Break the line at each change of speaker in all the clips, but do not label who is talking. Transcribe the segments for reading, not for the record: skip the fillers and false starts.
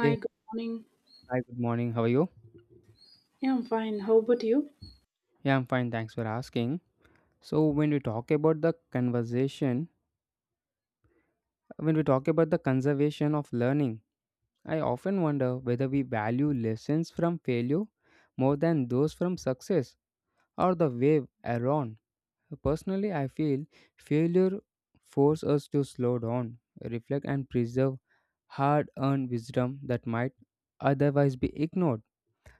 Hey,
good morning.
hi, good morning. How are you?
Yeah, I'm fine. How about you?
Yeah, I'm fine. Thanks for asking. So, when we talk about the conversation, when we talk about the conservation of learning, I often wonder whether we value lessons from failure more than those from success or the way around. Personally, I feel failure forces us to slow down, reflect, and preserve hard earned wisdom that might otherwise be ignored.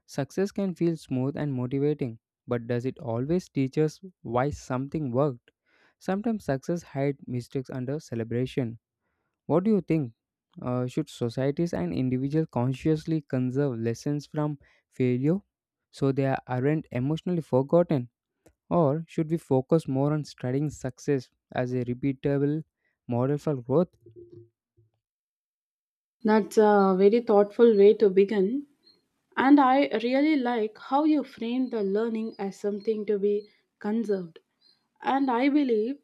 Success can feel smooth and motivating, but does it always teach us why something worked? Sometimes success hides mistakes under celebration. What do you think? Should societies and individuals consciously conserve lessons from failure so they aren't emotionally forgotten? Or should we focus more on studying success as a repeatable model for growth?
That's a very thoughtful way to begin. And I really like how you frame the learning as something to be conserved. And I believe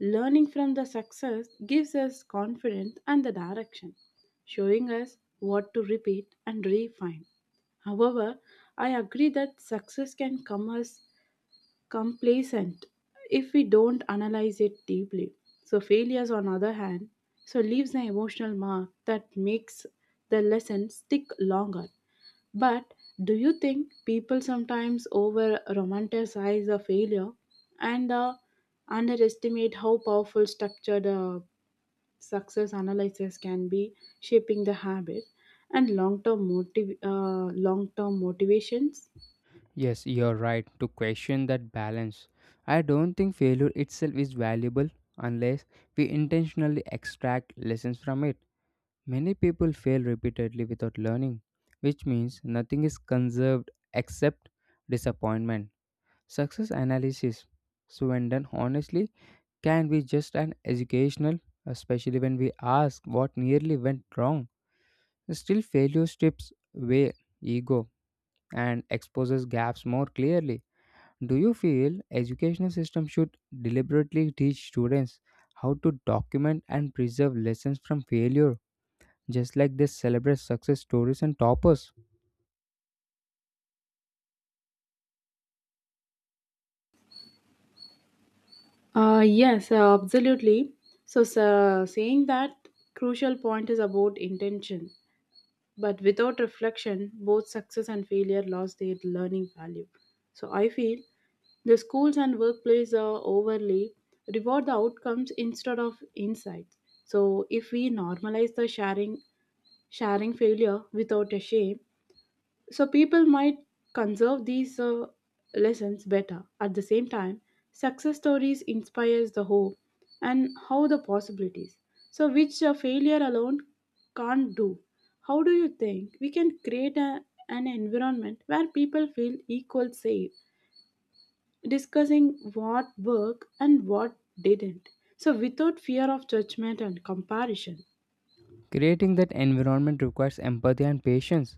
learning from the success gives us confidence and the direction, showing us what to repeat and refine. However, I agree that success can come as complacent if we don't analyze it deeply. So, failures, on other hand, leaves an emotional mark that makes the lesson stick longer. But do you think people sometimes over romanticize the failure and underestimate how powerful structured success analysis can be shaping the habit and long-term motivations?
Yes, you're right to question that balance. I don't think failure itself is valuable unless we intentionally extract lessons from it. Many people fail repeatedly without learning, which means nothing is conserved except disappointment. Success analysis, so when done honestly, can be just an educational, especially when we ask what nearly went wrong. Still, failure strips away ego and exposes gaps more clearly. Do you feel educational system should deliberately teach students how to document and preserve lessons from failure, just like they celebrate success stories and toppers?
Yes, absolutely. So, sa saying that crucial point is about intention, but without reflection, both success and failure lost their learning value. So, I feel the schools and workplace are overly reward the outcomes instead of insights. So, if we normalize the sharing failure without a shame, so people might conserve these lessons better. At the same time, success stories inspires the hope and how the possibilities. So which failure alone can't do. How do you think we can create a, an environment where people feel equal safe, discussing what worked and what didn't? So without fear of judgment and comparison.
Creating that environment requires empathy and patience.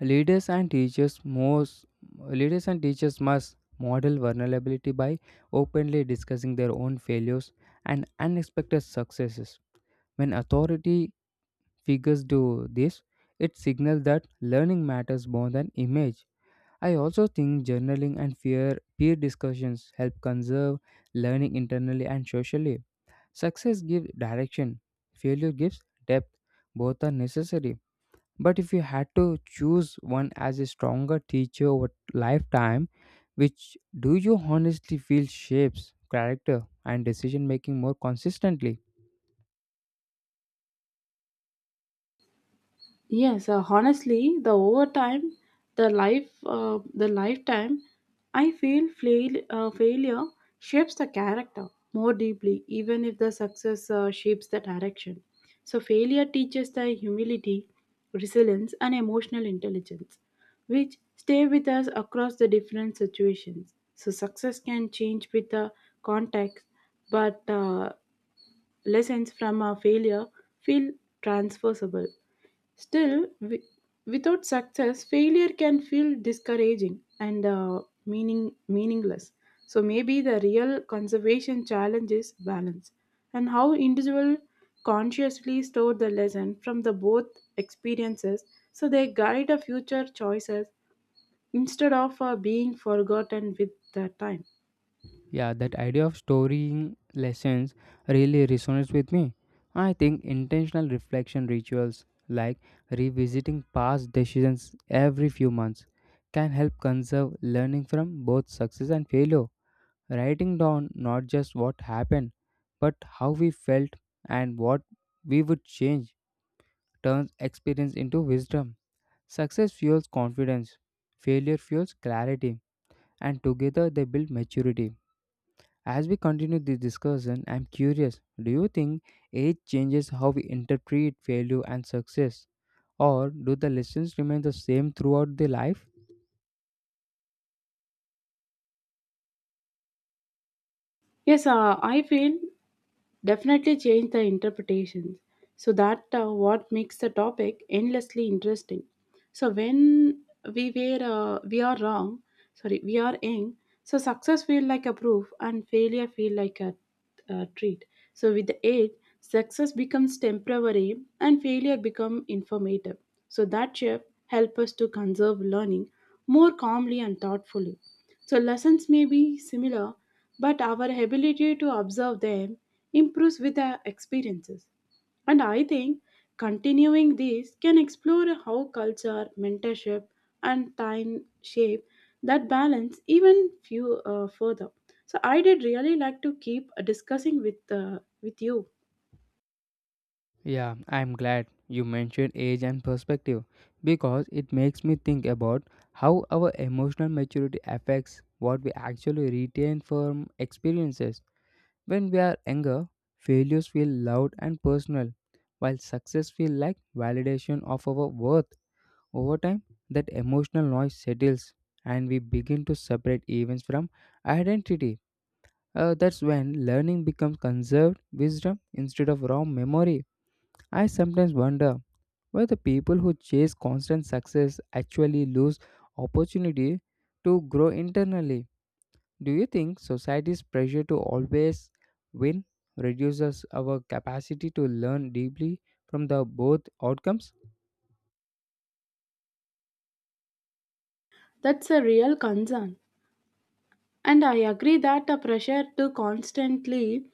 Leaders and teachers most Leaders and teachers must model vulnerability by openly discussing their own failures and unexpected successes. When authority figures do this, it signals that learning matters more than image. I also think journaling and fear, peer discussions help conserve learning internally and socially. Success gives direction, failure gives depth. Both are necessary. But if you had to choose one as a stronger teacher over lifetime, which do you honestly feel shapes character and decision making more consistently?
Yes, honestly, the overtime, the lifetime, I feel failure shapes the character more deeply, even if the success shapes the direction. So, failure teaches the humility, resilience, and emotional intelligence, which stay with us across the different situations. So, success can change with the context, but lessons from our failure feel transferable. Still, without success, failure can feel discouraging and meaningless. So maybe the real conservation challenge is balance and how individual consciously store the lesson from the both experiences so they guide our future choices instead of being forgotten with the time.
Yeah, that idea of storing lessons really resonates with me. I think intentional reflection rituals like revisiting past decisions every few months can help conserve learning from both success and failure. Writing down not just what happened, but how we felt and what we would change turns experience into wisdom. Success fuels confidence, failure fuels clarity, and together they build maturity. As we continue this discussion, I'm curious, do you think age changes how we interpret failure and success, or do the lessons remain the same throughout the life?
Yes, I feel definitely change the interpretations so that what makes the topic endlessly interesting so when we are wrong, sorry, we are young, so success feel like a proof and failure feel like a treat, so with the age success becomes temporary and failure become informative, so that shift help us to conserve learning more calmly and thoughtfully, so lessons may be similar but our ability to observe them improves with our experiences. And I think continuing this can explore how culture, mentorship, and time shape that balance even few further. So I did really like to keep discussing with you.
Yeah, I'm glad you mentioned age and perspective because it makes me think about how our emotional maturity affects what we actually retain from experiences. When we are younger, failures feel loud and personal, while success feels like validation of our worth. Over time, that emotional noise settles and we begin to separate events from identity. That's when learning becomes conserved wisdom instead of raw memory. I sometimes wonder whether the people who chase constant success actually lose opportunity to grow internally. Do you think society's pressure to always win reduces our capacity to learn deeply from the both outcomes?
That's a real concern, and I agree that the pressure to constantly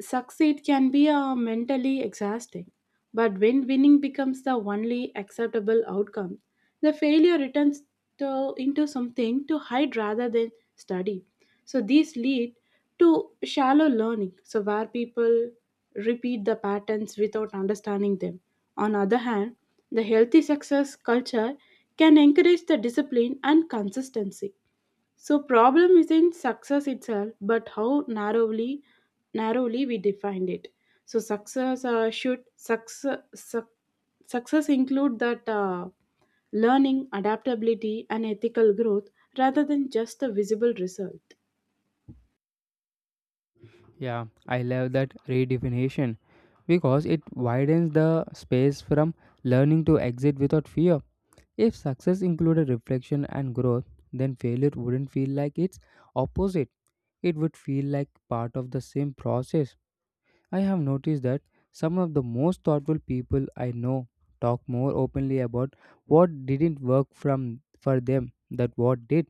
succeed can be mentally exhausting, but when winning becomes the only acceptable outcome, the failure returns to, into something to hide rather than study. So these lead to shallow learning, so where people repeat the patterns without understanding them. On the other hand, the healthy success culture can encourage the discipline and consistency, so problem isn't success itself, but how narrowly we defined it. So success should success suc success include that learning, adaptability, and ethical growth rather than just the visible result.
Yeah, I love that redefinition because it widens the space from learning to exit without fear. If success included reflection and growth, then failure wouldn't feel like its opposite. It would feel like part of the same process. I have noticed that some of the most thoughtful people I know talk more openly about what didn't work from for them than what did.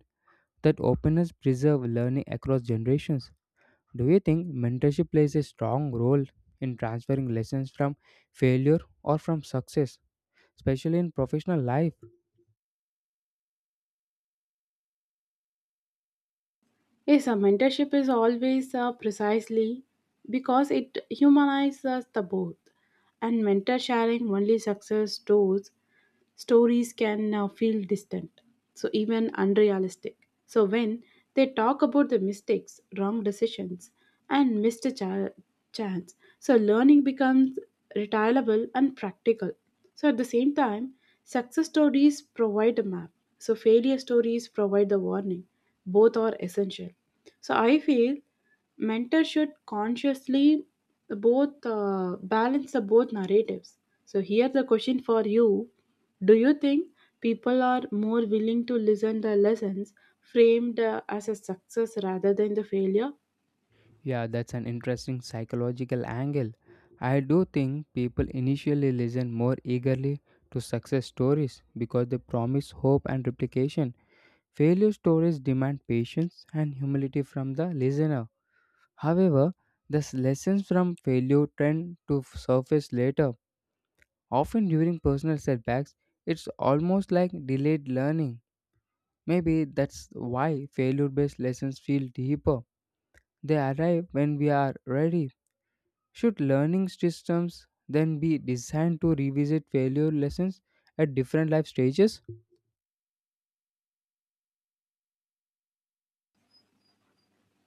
That openness preserves learning across generations. Do you think mentorship plays a strong role in transferring lessons from failure or from success, especially in professional life?
Yes, a mentorship is always precisely because it humanizes the both, and mentor sharing only success stories can feel distant, so even unrealistic. So when they talk about the mistakes, wrong decisions, and missed chance, so learning becomes retailable and practical. So at the same time, success stories provide a map. So failure stories provide the warning. Both are essential. So I feel mentors should consciously both balance the both narratives. So here's the question for you: Do you think people are more willing to listen the lessons framed as a success rather than the failure?
Yeah, that's an interesting psychological angle. I do think people initially listen more eagerly to success stories because they promise hope and replication. Failure stories demand patience and humility from the listener. However, the lessons from failure tend to surface later. Often during personal setbacks, it's almost like delayed learning. Maybe that's why failure based lessons feel deeper. They arrive when we are ready. Should learning systems then be designed to revisit failure lessons at different life stages?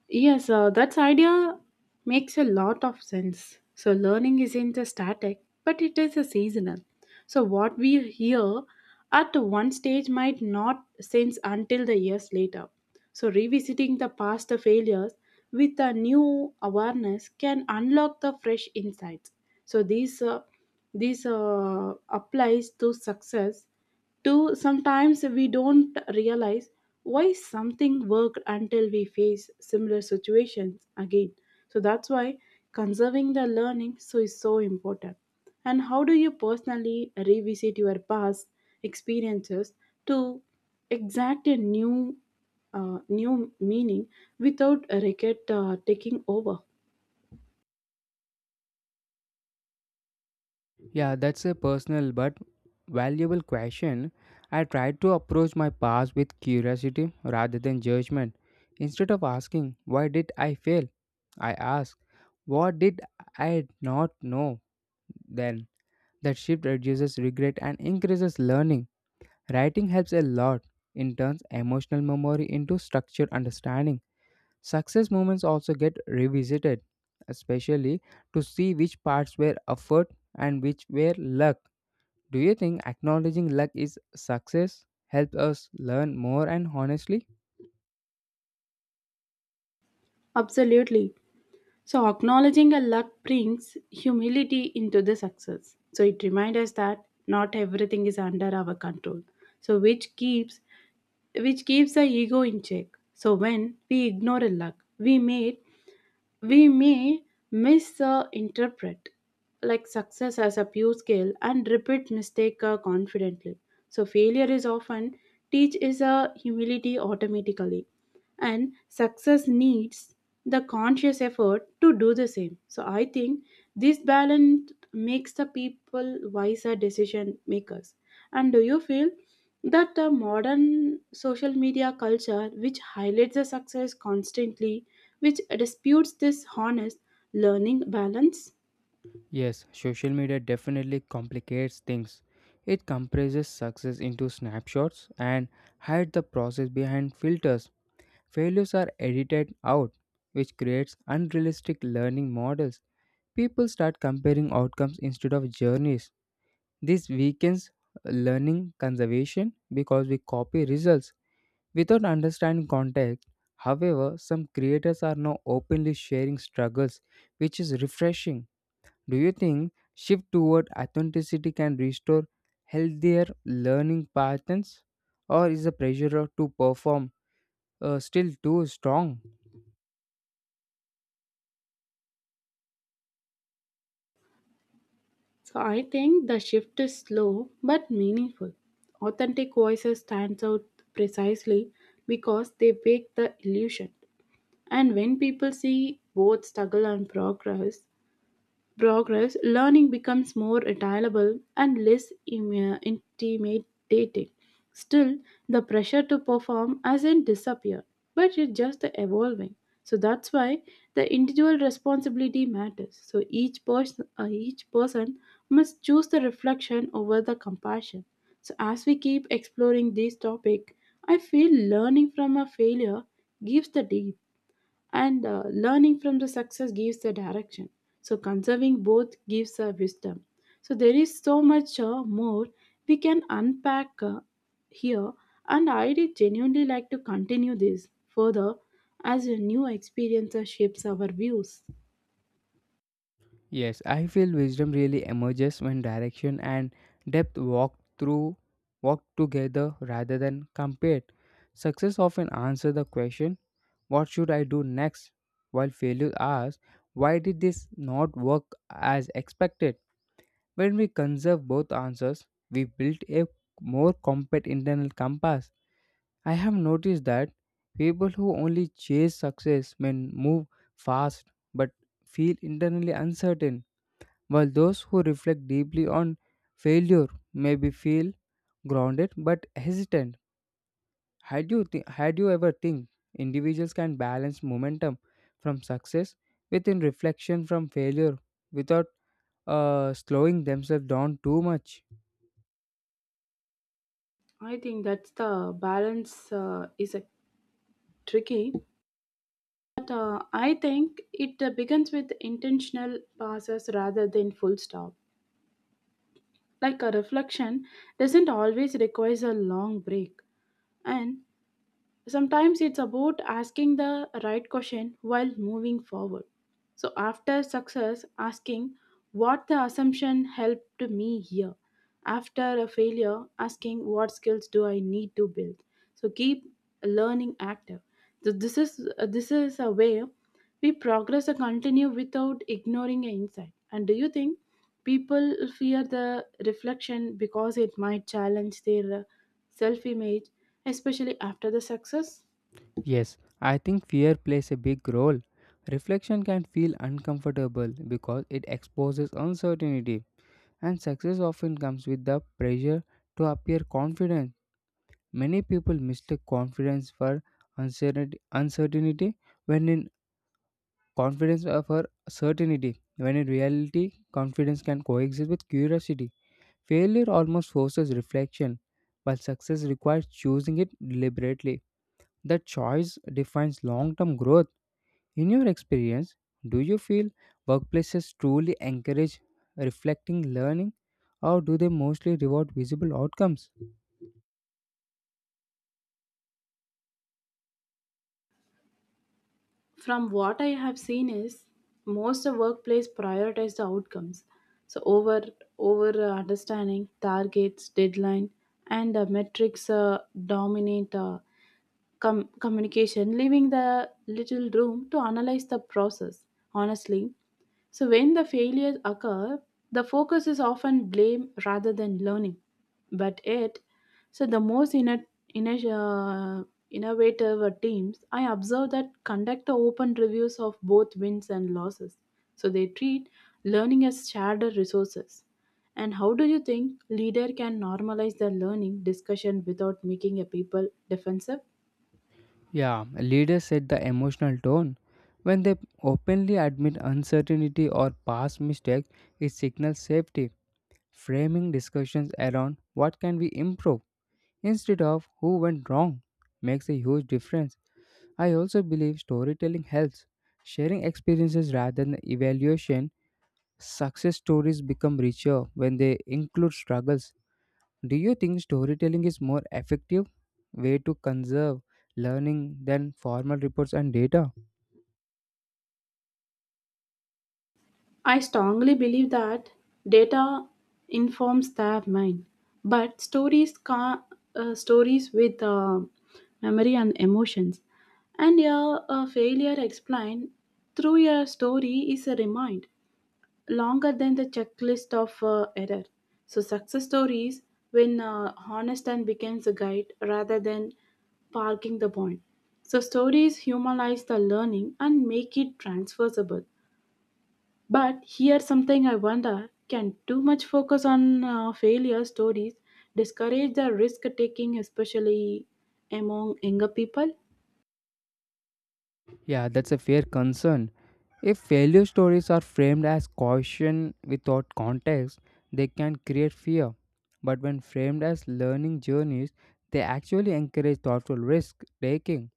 Yes, that idea makes a lot of sense. So learning isn't a static, but it is a seasonal. So what we hear at one stage might not sense until the years later. So revisiting the past failures with a new awareness can unlock the fresh insights. So this applies to success too, sometimes we don't realize why something worked until we face similar situations again, so that's why conserving the learning so is so important. And how do you personally revisit your past experiences to exact a new meaning without regret taking over?
Yeah, that's a personal but valuable question. I tried to approach my past with curiosity rather than judgment. Instead of asking, why did I fail? I asked, what did I not know then? That shift reduces regret and increases learning. Writing helps a lot. It turns emotional memory into structured understanding. Success moments also get revisited, especially to see which parts were effort and which were luck. Do you think acknowledging luck is success helps us learn more and honestly?
Absolutely. So acknowledging a luck brings humility into the success. So it reminds us that not everything is under our control. So which keeps the ego in check. So when we ignore a luck, we may misinterpret like success as a pure skill and repeat mistake confidently. So failure is often teach is a humility automatically and success needs the conscious effort to do the same, so I think this balance makes the people wiser decision makers. And do you feel that the modern social media culture which highlights the success constantly, which disputes this honest learning balance?
Yes, social media definitely complicates things. It compresses success into snapshots and hides the process behind filters. Failures are edited out, which creates unrealistic learning models. People start comparing outcomes instead of journeys. This weakens learning conservation because we copy results without understanding context. However, some creators are now openly sharing struggles, which is refreshing. Do you think shift toward authenticity can restore healthier learning patterns, or is the pressure to perform still too strong?
So I think the shift is slow but meaningful, authentic voices stands out precisely because they break the illusion. And when people see both struggle and progress, progress learning becomes more attainable and intimidating. Still, the pressure to perform hasn't disappeared, but it's just evolving. So that's why the individual responsibility matters. So each person must choose the reflection over the compassion. So as we keep exploring this topic, I feel learning from a failure gives the deep and learning from the success gives the direction, so conserving both gives a wisdom, so there is so much more we can unpack here, and I did genuinely like to continue this further as a new experience shapes our views.
Yes, I feel wisdom really emerges when direction and depth walk together rather than compared. Success often answers the question, what should I do next? While failure asks, why did this not work as expected? When we conserve both answers, we build a more compact internal compass. I have noticed that people who only chase success may move fast but feel internally uncertain, while those who reflect deeply on failure may be feel grounded but hesitant. Had you ever think individuals can balance momentum from success within reflection from failure without slowing themselves down too much?
I think that's the balance is a tricky but I think it begins with intentional passes rather than full stop, like a reflection doesn't always requires a long break. And sometimes it's about asking the right question while moving forward. So after success, asking what the assumption helped me here. After a failure, asking what skills do I need to build. So keep learning active. So this is a way we progress or continue without ignoring an insight. And do you think people fear the reflection because it might challenge their self image, especially after the success?
Yes, I think fear plays a big role. Reflection can feel uncomfortable because it exposes uncertainty, and success often comes with the pressure to appear confident. Many people mistake uncertainty, uncertainty when in confidence of her certainty, when in reality, confidence can coexist with curiosity. Failure almost forces reflection, while success requires choosing it deliberately. That choice defines long term growth. In your experience, do you feel workplaces truly encourage reflecting learning, or do they mostly reward visible outcomes?
From what I have seen is most of workplace prioritize the outcomes. So over understanding targets, deadline, and metrics dominate communication, leaving the little room to analyze the process. Honestly, so, when the failures occur, the focus is often blame rather than learning. But it, so the most inno- uh, innovative teams, I observe that conduct the open reviews of both wins and losses. So, they treat learning as shared resources. And how do you think leader can normalize the learning discussion without making a people defensive?
Yeah, leaders set the emotional tone. When they openly admit uncertainty or past mistakes, it signals safety. Framing discussions around what can we improve instead of who went wrong makes a huge difference. I also believe storytelling helps. Sharing experiences rather than evaluation, success stories become richer when they include struggles. Do you think storytelling is more effective way to conserve learning than formal reports and data?
I strongly believe that data informs their mind, but stories with memory and emotions, and a failure explained through your story is a remind longer than the checklist of error. So success stories when honest and becomes a guide rather than parking the point. So stories humanize the learning and make it transferable. But here something I wonder, can too much focus on failure stories discourage the risk taking, especially among younger people?
Yeah, that's a fair concern. If failure stories are framed as caution without context, they can create fear. But when framed as learning journeys, they actually encourage thoughtful risk taking.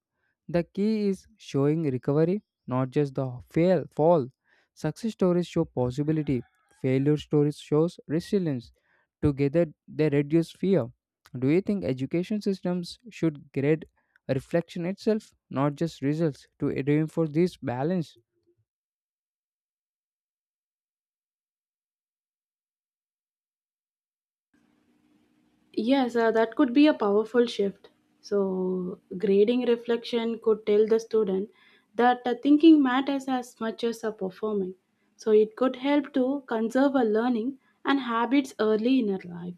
The key is showing recovery, not just the fail fall. Success stories show possibility. Failure stories shows resilience. Together they reduce fear. Do you think education systems should grade reflection itself, not just results, to reinforce this balance?
Yes, that could be a powerful shift. So, grading reflection could tell the student that thinking matters as much as performing. So, it could help to conserve a learning and habits early in her life.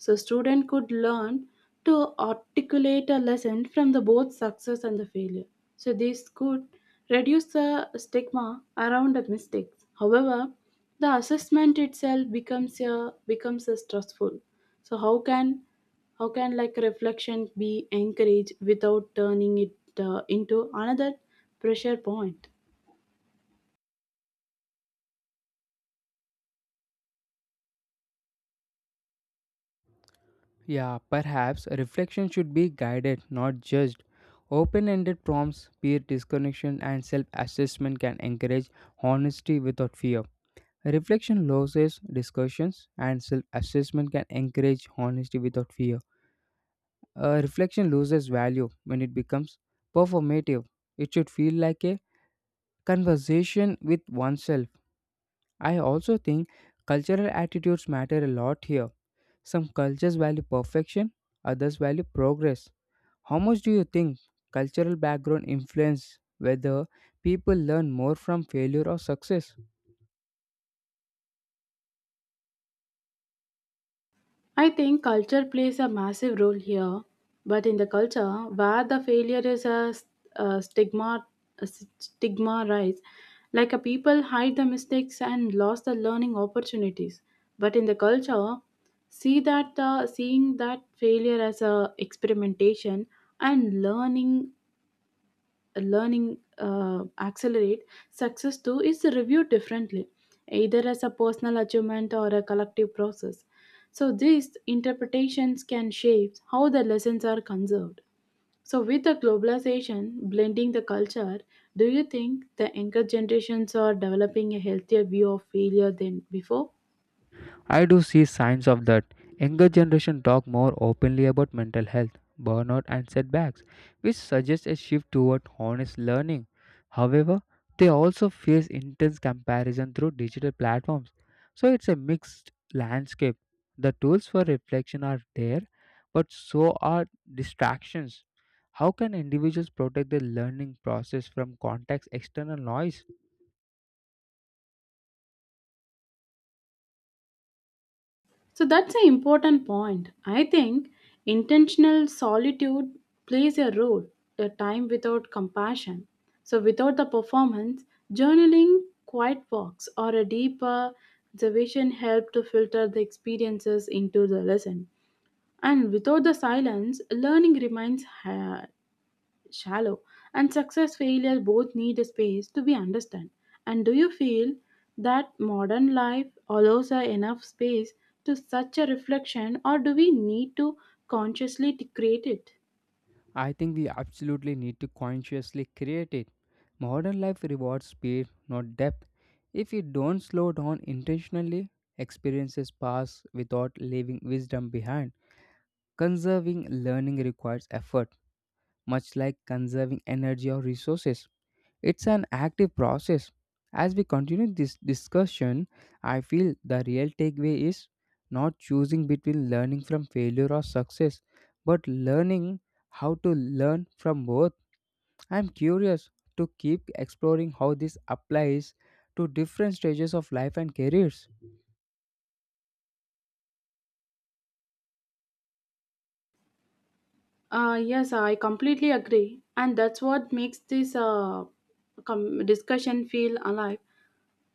So student could learn to articulate a lesson from the both success and the failure. So this could reduce the stigma around the mistakes. However, the assessment itself becomes a stressful. So how can like reflection be encouraged without turning it into another pressure point?
Yeah, perhaps reflection should be guided, not judged. Open ended prompts, peer disconnection, and self assessment can encourage honesty without fear. Reflection loses discussions, and self assessment can encourage honesty without fear. Reflection loses value when it becomes performative. It should feel like a conversation with oneself. I also think cultural attitudes matter a lot here. Some cultures value perfection, others value progress. How much do you think cultural background influence whether people learn more from failure or success?
I think culture plays a massive role here, but in the culture where the failure is a, a stigma, a stigma rise, like a people hide the mistakes and lost the learning opportunities. But in the culture, seeing that failure as a experimentation and learning accelerate, success too is reviewed differently, either as a personal achievement or a collective process. So these interpretations can shape how the lessons are conserved. So with the globalization blending the culture, do you think the younger generations are developing a healthier view of failure than before?
I do see signs of that. Younger generation talk more openly about mental health, burnout and setbacks, which suggests a shift toward honest learning. However, they also face intense comparison through digital platforms. So it's a mixed landscape. The tools for reflection are there, but so are distractions. How can individuals protect their learning process from context external noise?
So that's an important point. I think intentional solitude plays a role, a time without compassion. So without the performance, journaling, quiet walks, or a deeper observation help to filter the experiences into the lesson. And without the silence, learning remains hard shallow and success failure both need a space to be understood. And do you feel that modern life allows a enough space to such a reflection, or do we need to consciously to create it?
I think we absolutely need to consciously create it. Modern life rewards speed, not depth. If we don't slow down intentionally, experiences pass without leaving wisdom behind. Conserving learning requires effort, much like conserving energy or resources. It's an active process. As we continue this discussion, I feel the real takeaway is not choosing between learning from failure or success, but learning how to learn from both. I'm curious to keep exploring how this applies to different stages of life and careers.
Yes, I completely agree, and that's what makes this discussion feel alive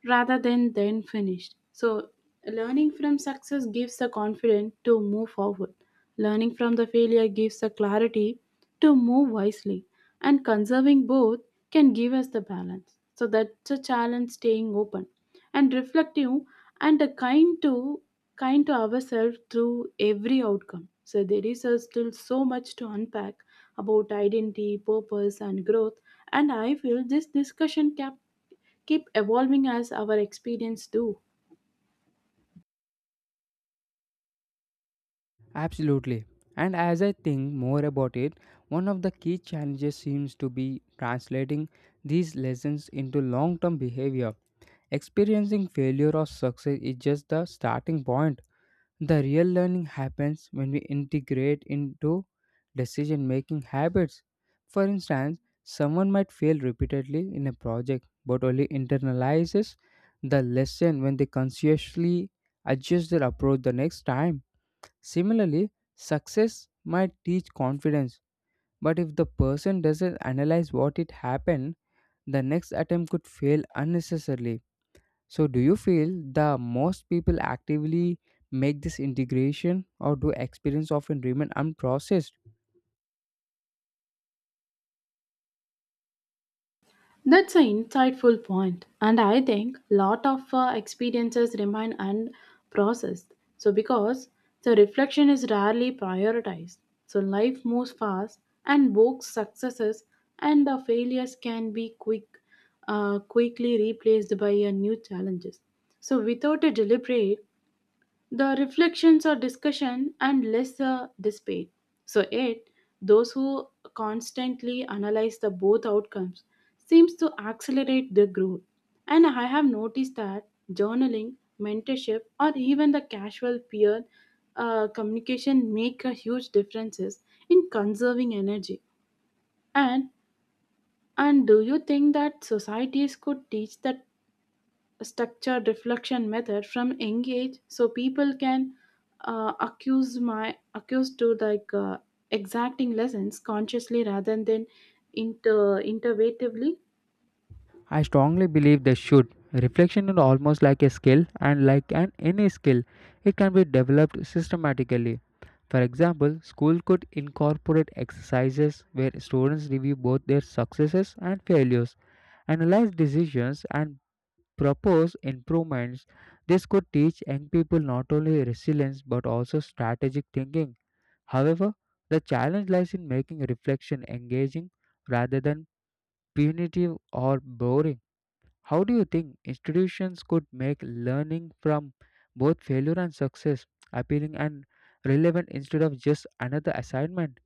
rather than then finished. So, learning from success gives the confidence to move forward. Learning from the failure gives the clarity to move wisely. And conserving both can give us the balance. So, that's a challenge staying open and reflective and a kind to ourselves through every outcome. So there is still so much to unpack about identity, purpose, and growth. And I feel this discussion cap keep evolving as our experience do.
Absolutely. And as I think more about it, one of the key challenges seems to be translating these lessons into long term behavior. Experiencing failure or success is just the starting point. The real learning happens when we integrate into decision making habits. For instance, someone might fail repeatedly in a project but only internalizes the lesson when they consciously adjust their approach the next time. Similarly, success might teach confidence, but if the person doesn't analyze what it happened, the next attempt could fail unnecessarily. So, do you feel the most people actively make this integration, or do experience often remain unprocessed?
That's an insightful point, and I think lot of experiences remain unprocessed, so because the reflection is rarely prioritized, so life moves fast and both successes and the failures can be quick quickly replaced by a new challenges, so without a deliberate the reflections or discussion and less debate. So eight, those who constantly analyze the both outcomes seems to accelerate their growth. And I have noticed that journaling, mentorship, or even the casual peer communication make a huge differences in conserving energy. And do you think that societies could teach that structured reflection method from engage so people can accuse to like exacting lessons consciously rather than inter intervatively?
I strongly believe they should. Reflection is almost like a skill, and like an any skill, it can be developed systematically. For example, school could incorporate exercises where students review both their successes and failures, analyze decisions, and propose improvements. This could teach young people not only resilience but also strategic thinking. However, the challenge lies in making reflection engaging rather than punitive or boring. How do you think institutions could make learning from both failure and success appealing and relevant instead of just another assignment?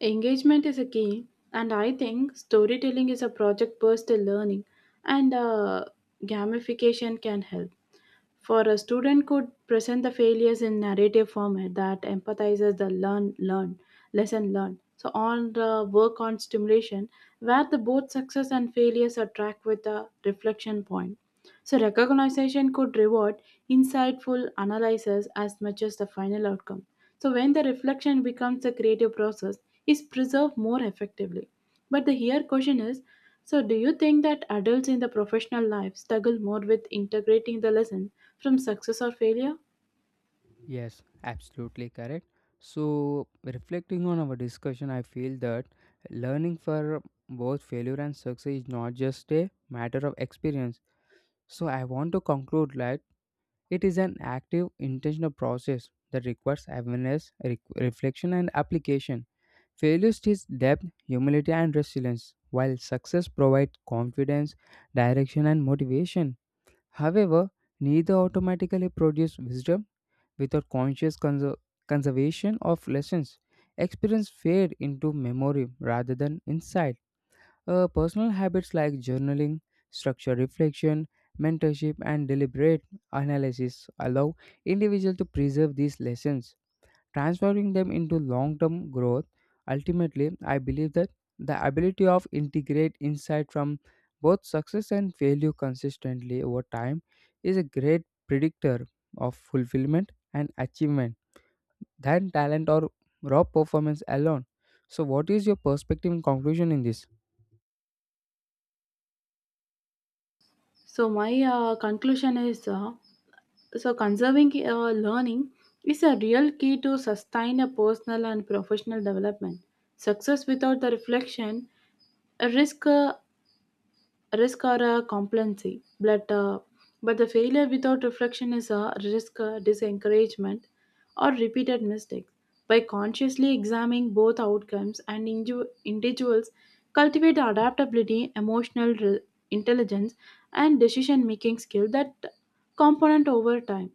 Engagement is a key, and I think storytelling is a project based learning, and gamification can help. For a student could present the failures in narrative format that empathizes the learn learn lesson learned. So on the work on stimulation, where the both success and failures are tracked with a reflection point. So, recognition could reward insightful analysis as much as the final outcome. So, when the reflection becomes a creative process, is preserved more effectively. But the here question is, so, do you think that adults in the professional life struggle more with integrating the lesson from success or failure?
Yes, absolutely correct. So, reflecting on our discussion, I feel that learning for both failure and success is not just a matter of experience. So, I want to conclude like, it is an active, intentional process that requires awareness, reflection, and application. Failure teaches depth, humility, and resilience, while success provides confidence, direction, and motivation. However, neither automatically produce wisdom without conscious conservation of lessons. Experience fade into memory rather than insight. Personal habits like journaling, structured reflection, mentorship, and deliberate analysis allow individuals to preserve these lessons, transferring them into long-term growth. Ultimately, I believe that the ability of integrate insight from both success and failure consistently over time is a great predictor of fulfillment and achievement than talent or raw performance alone. So, what is your perspective and conclusion in this?
So, my conclusion is so conserving learning is a real key to sustain a personal and professional development. Success without the reflection a risk or a complacency but the failure without reflection is a risk disencouragement or repeated mistakes, by consciously examining both outcomes and individuals cultivate adaptability emotional intelligence and decision making skill that component over time,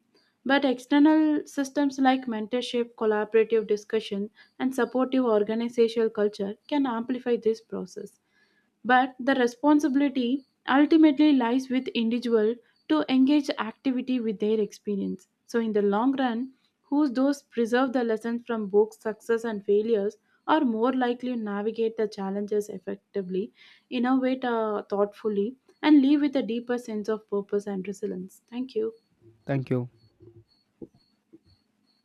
but external systems like mentorship collaborative discussion and supportive organizational culture can amplify this process, but the responsibility ultimately lies with individual to engage activity with their experience, so in the long run who those preserve the lessons from both success and failures are more likely to navigate the challenges effectively, innovate thoughtfully, and leave with a deeper sense of purpose and resilience. Thank you.
Thank you.